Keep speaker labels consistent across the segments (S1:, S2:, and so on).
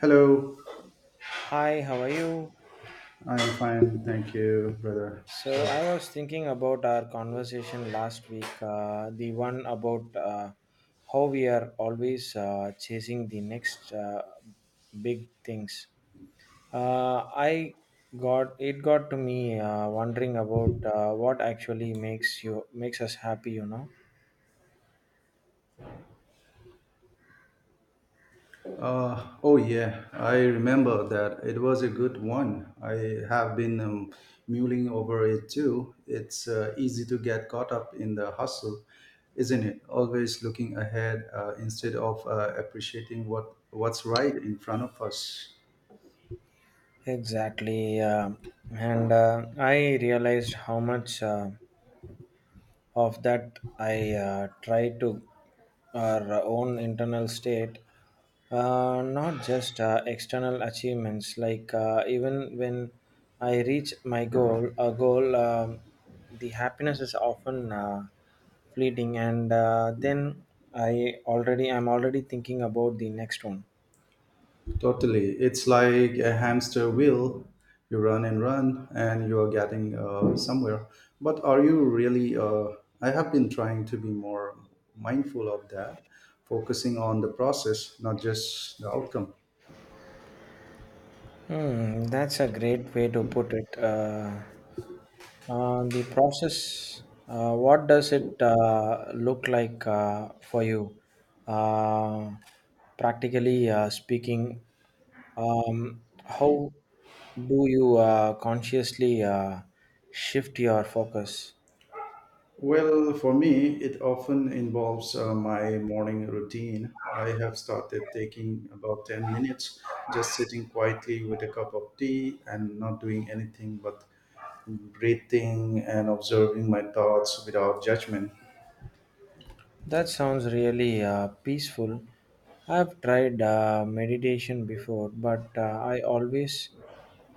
S1: Hello,
S2: Hi, how are you?
S1: I'm fine, thank you, brother.
S2: So
S1: So,
S2: I was thinking about our conversation last week, the one about how we are always chasing the next big things. I got to me wondering about what actually makes us happy.
S1: oh yeah, I remember that it was a good one. I have been mulling over it too. It's easy to get caught up in the hustle, isn't it? Always looking ahead, instead of appreciating what's right in front of us.
S2: Exactly, and I realized how much. Of that I try to our own internal state, not just external achievements, like even when I reach my goal a goal, the happiness is often fleeting, and then I'm already thinking about the next one.
S1: Totally. It's like a hamster wheel. You run and run, and you are getting somewhere. But are you really? I have been trying to be more mindful of that, focusing on the process, not just the outcome.
S2: Hmm, that's a great way to put it. The process, what does it look like for you? Uh, practically speaking, how do you consciously shift your focus?
S1: Well, for me, it often involves my morning routine. I have started taking about 10 minutes, just sitting quietly with a cup of tea and not doing anything but breathing and observing my thoughts without judgment.
S2: That sounds really peaceful. I've tried meditation before, but I always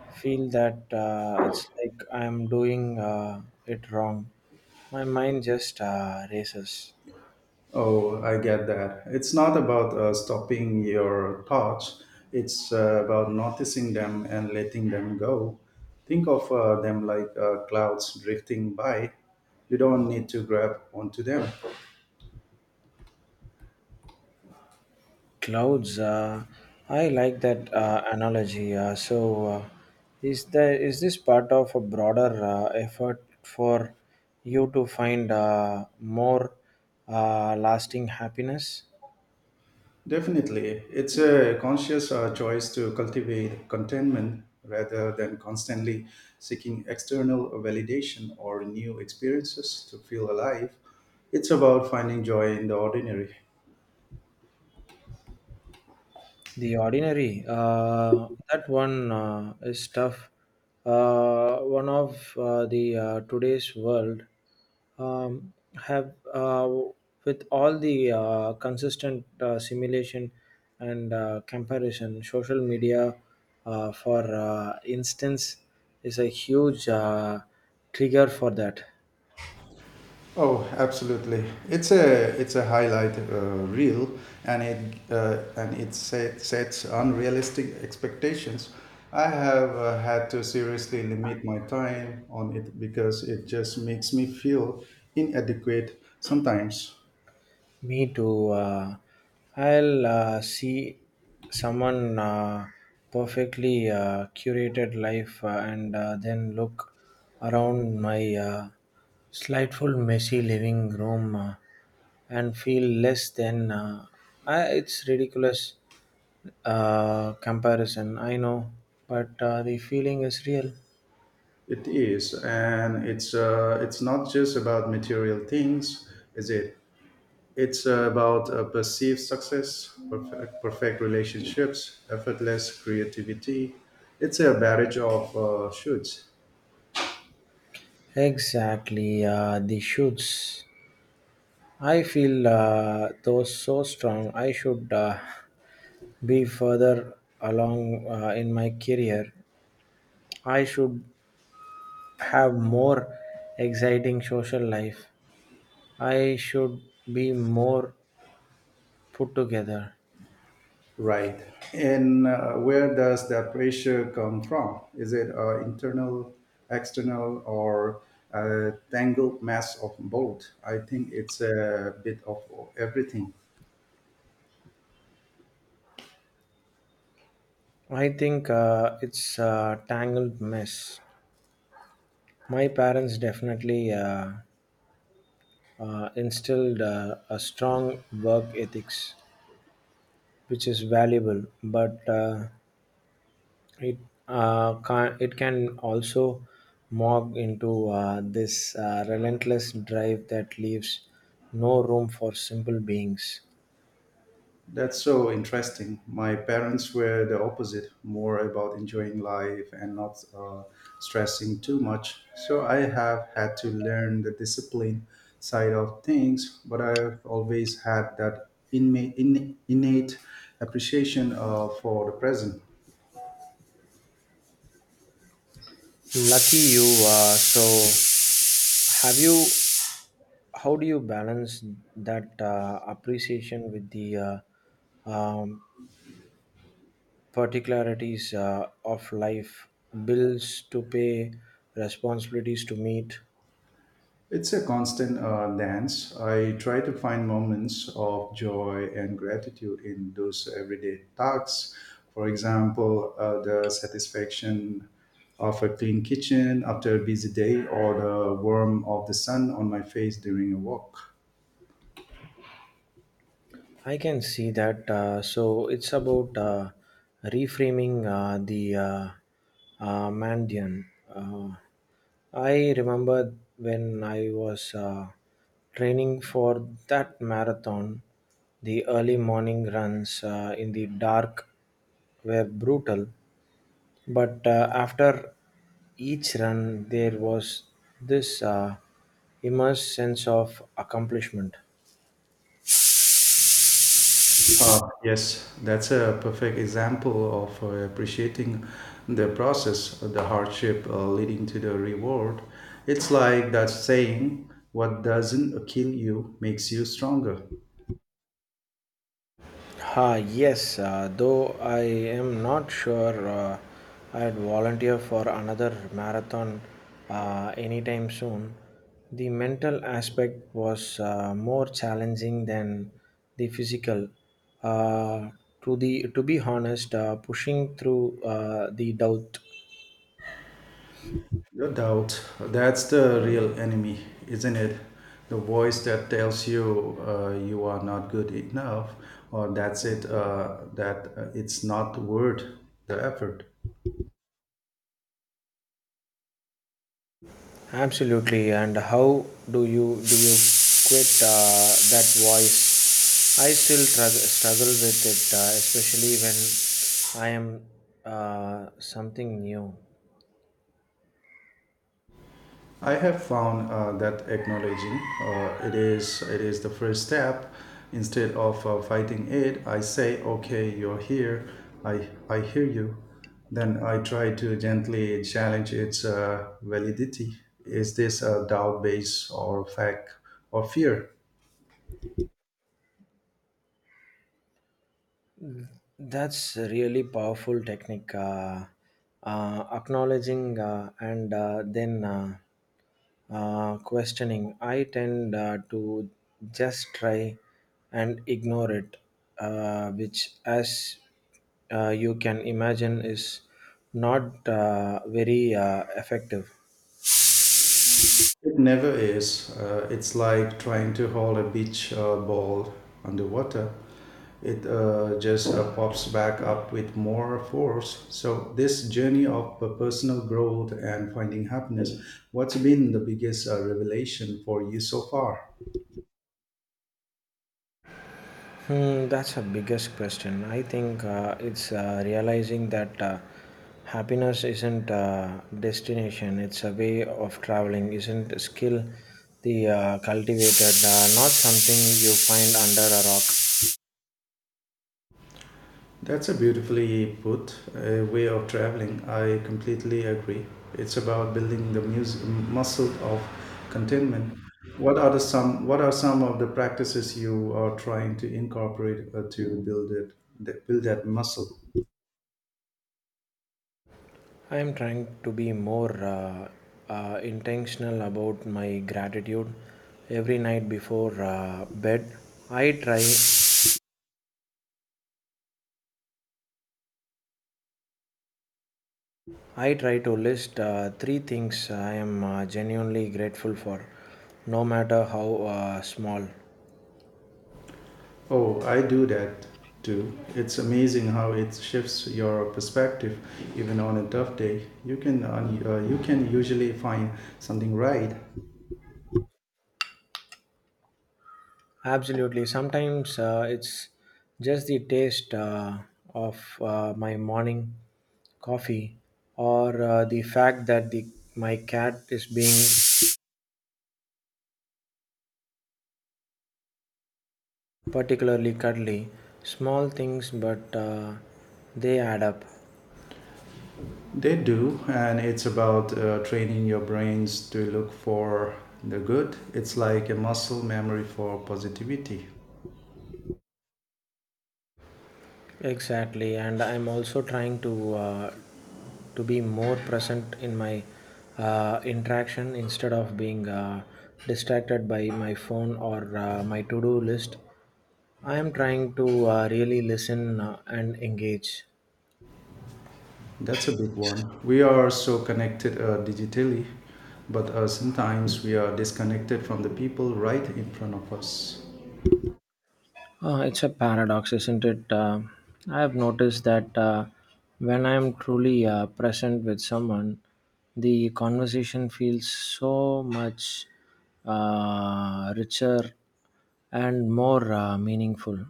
S2: feel that it's like I'm doing it wrong. My mind just races.
S1: Oh, I get that. It's not about stopping your thoughts, it's about noticing them and letting them go. Think of them like clouds drifting by. You don't need to grab onto them.
S2: Clouds. I like that analogy. So, is this part of a broader effort for you to find more lasting happiness?
S1: Definitely. It's a conscious choice to cultivate contentment rather than constantly seeking external validation or new experiences to feel alive. It's about finding joy in the ordinary.
S2: The ordinary, that one is tough. One of the today's world, um, have with all the consistent simulation and comparison, social media, for instance, is a huge trigger for that.
S1: Oh, absolutely. It's a highlight reel, and it sets unrealistic expectations. I have had to seriously limit my time on it because it just makes me feel inadequate sometimes.
S2: Me too. I'll see someone perfectly curated life, and then look around my slightful messy living room, and feel less than. It's ridiculous comparison, I know, but the feeling is real.
S1: It is, and it's not just about material things, is it? It's about perceived success, perfect relationships, effortless creativity. It's a barrage of shoots.
S2: Exactly, the shoots. I feel those so strong. I should. Be further along in my career. I should have more exciting social life. I should be more put together.
S1: Right. And where does that pressure come from? Is it internal, external, or a tangled mess of both? I think it's a bit of everything.
S2: I think it's a tangled mess. My parents definitely instilled a strong work ethics, which is valuable, but It it can also morph into this relentless drive that leaves no room for simple beings.
S1: That's so interesting. My parents were the opposite, more about enjoying life and not stressing too much. So I have had to learn the discipline side of things, but I've always had that innate appreciation for the present.
S2: Lucky you. So, have you? How do you balance that appreciation with the uh, um, particularities of life, bills to pay, responsibilities to meet?
S1: It's a constant dance. I try to find moments of joy and gratitude in those everyday tasks. For example, the satisfaction of a clean kitchen after a busy day or the warmth of the sun on my face during a walk.
S2: I can see that. So it's about reframing the Mandian. Uh, I remember when I was training for that marathon, the early morning runs in the dark were brutal, but after each run, there was this immense sense of accomplishment.
S1: Yes, that's a perfect example of appreciating the process, the hardship leading to the reward. It's like that saying, what doesn't kill you makes you stronger.
S2: Ah, yes, though I am not sure I'd volunteer for another marathon anytime soon. The mental aspect was more challenging than the physical. Uh, to be honest, pushing through the doubt.
S1: No doubt, that's the real enemy, isn't it? The voice that tells you, you are not good enough, or that's it, that it's not worth the effort.
S2: Absolutely. And how do you quit that voice? I still struggle with it, especially when I am something new.
S1: I have found that acknowledging it is the first step. Instead of fighting it, I say, "Okay, you're here. I hear you." Then I try to gently challenge its validity. Is this a doubt based or fact or fear?
S2: That's a really powerful technique. Acknowledging and then questioning. I tend to just try and ignore it, which, as you can imagine, is not very effective.
S1: It never is. It's like trying to hold a beach ball underwater. It just pops back up with more force. So, this journey of personal growth and finding happiness, what's been the biggest revelation for you so far?
S2: Hmm, that's a biggest question. I think it's realizing that happiness isn't a destination; it's a way of traveling. Isn't a skill the cultivated, not something you find under a rock.
S1: That's a beautifully put way of traveling. I completely agree. It's about building the muscle of contentment. What are the some What are some of the practices you are trying to incorporate to build that muscle?
S2: I am trying to be more intentional about my gratitude every night before bed. I try I try to list three things I am genuinely grateful for, no matter how small.
S1: Oh, I do that too. It's amazing how it shifts your perspective, even on a tough day. You can you can usually find something right.
S2: Absolutely. Sometimes it's just the taste of my morning coffee or the fact that my cat is being particularly cuddly. Small things, but they add up.
S1: They do, and it's about training your brains to look for the good. It's like a muscle memory for positivity.
S2: Exactly, and I'm also trying to be more present in my interaction instead of being distracted by my phone or my to-do list. I am trying to really listen and engage.
S1: That's a big one. We are so connected digitally, but sometimes we are disconnected from the people right in front of us.
S2: It's a paradox, isn't it? I have noticed that when I am truly present with someone, the conversation feels so much richer and more meaningful.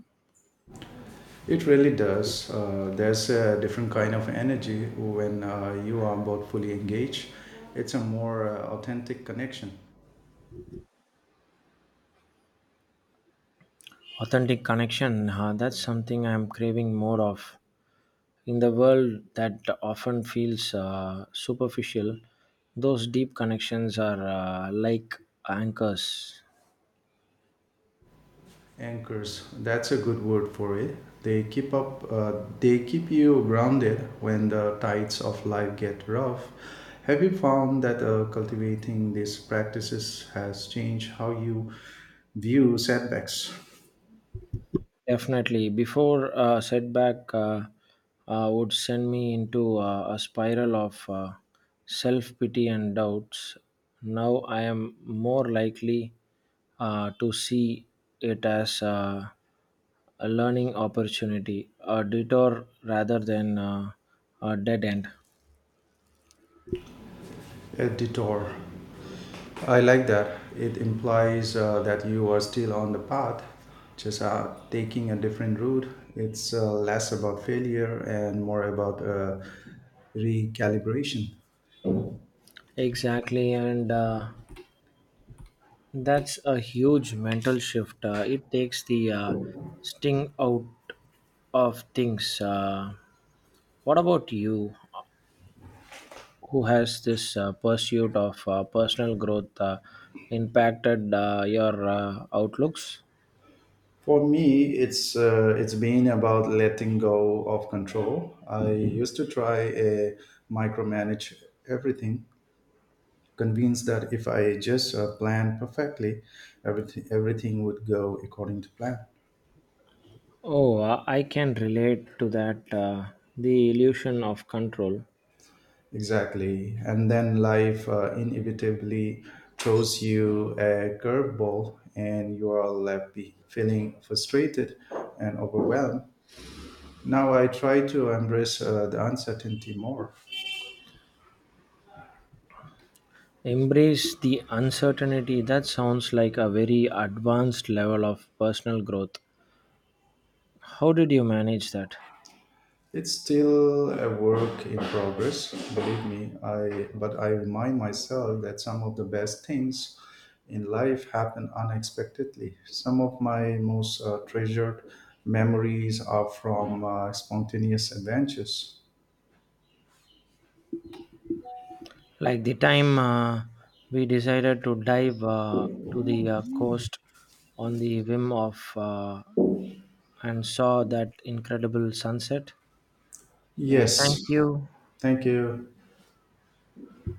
S1: It really does. There's a different kind of energy when you are both fully engaged. It's a more authentic connection.
S2: Authentic connection, that's something I'm craving more of. In the world that often feels superficial, those deep connections are like anchors.
S1: Anchors, that's a good word for it. They keep you grounded when the tides of life get rough. Have you found that cultivating these practices has changed how you view setbacks?
S2: Definitely. Before setback would send me into a spiral of self pity and doubts, now I am more likely to see it as a learning opportunity, a detour rather than a dead end.
S1: A detour. I like that. It implies that you are still on the path, just taking a different route. It's less about failure and more about recalibration.
S2: Exactly, and that's a huge mental shift. It takes the sting out of things. What about you? Who has this pursuit of personal growth impacted your outlooks?
S1: For me, it's been about letting go of control. I used to try a micromanage everything, convinced that if I just planned perfectly, everything would go according to plan.
S2: Oh, I can relate to that. The illusion of control.
S1: Exactly, and then life inevitably throws you a curveball, and you are left feeling frustrated and overwhelmed. Now I try to embrace the uncertainty more.
S2: Embrace the uncertainty. That sounds like a very advanced level of personal growth. How did you manage that?
S1: It's still a work in progress, believe me. I but I remind myself that some of the best things in life happen unexpectedly. Some of my most treasured memories are from spontaneous adventures.
S2: Like the time we decided to dive to the coast on the whim of and saw that incredible sunset. Yeah,
S1: Yes,
S2: thank you.
S1: thank you.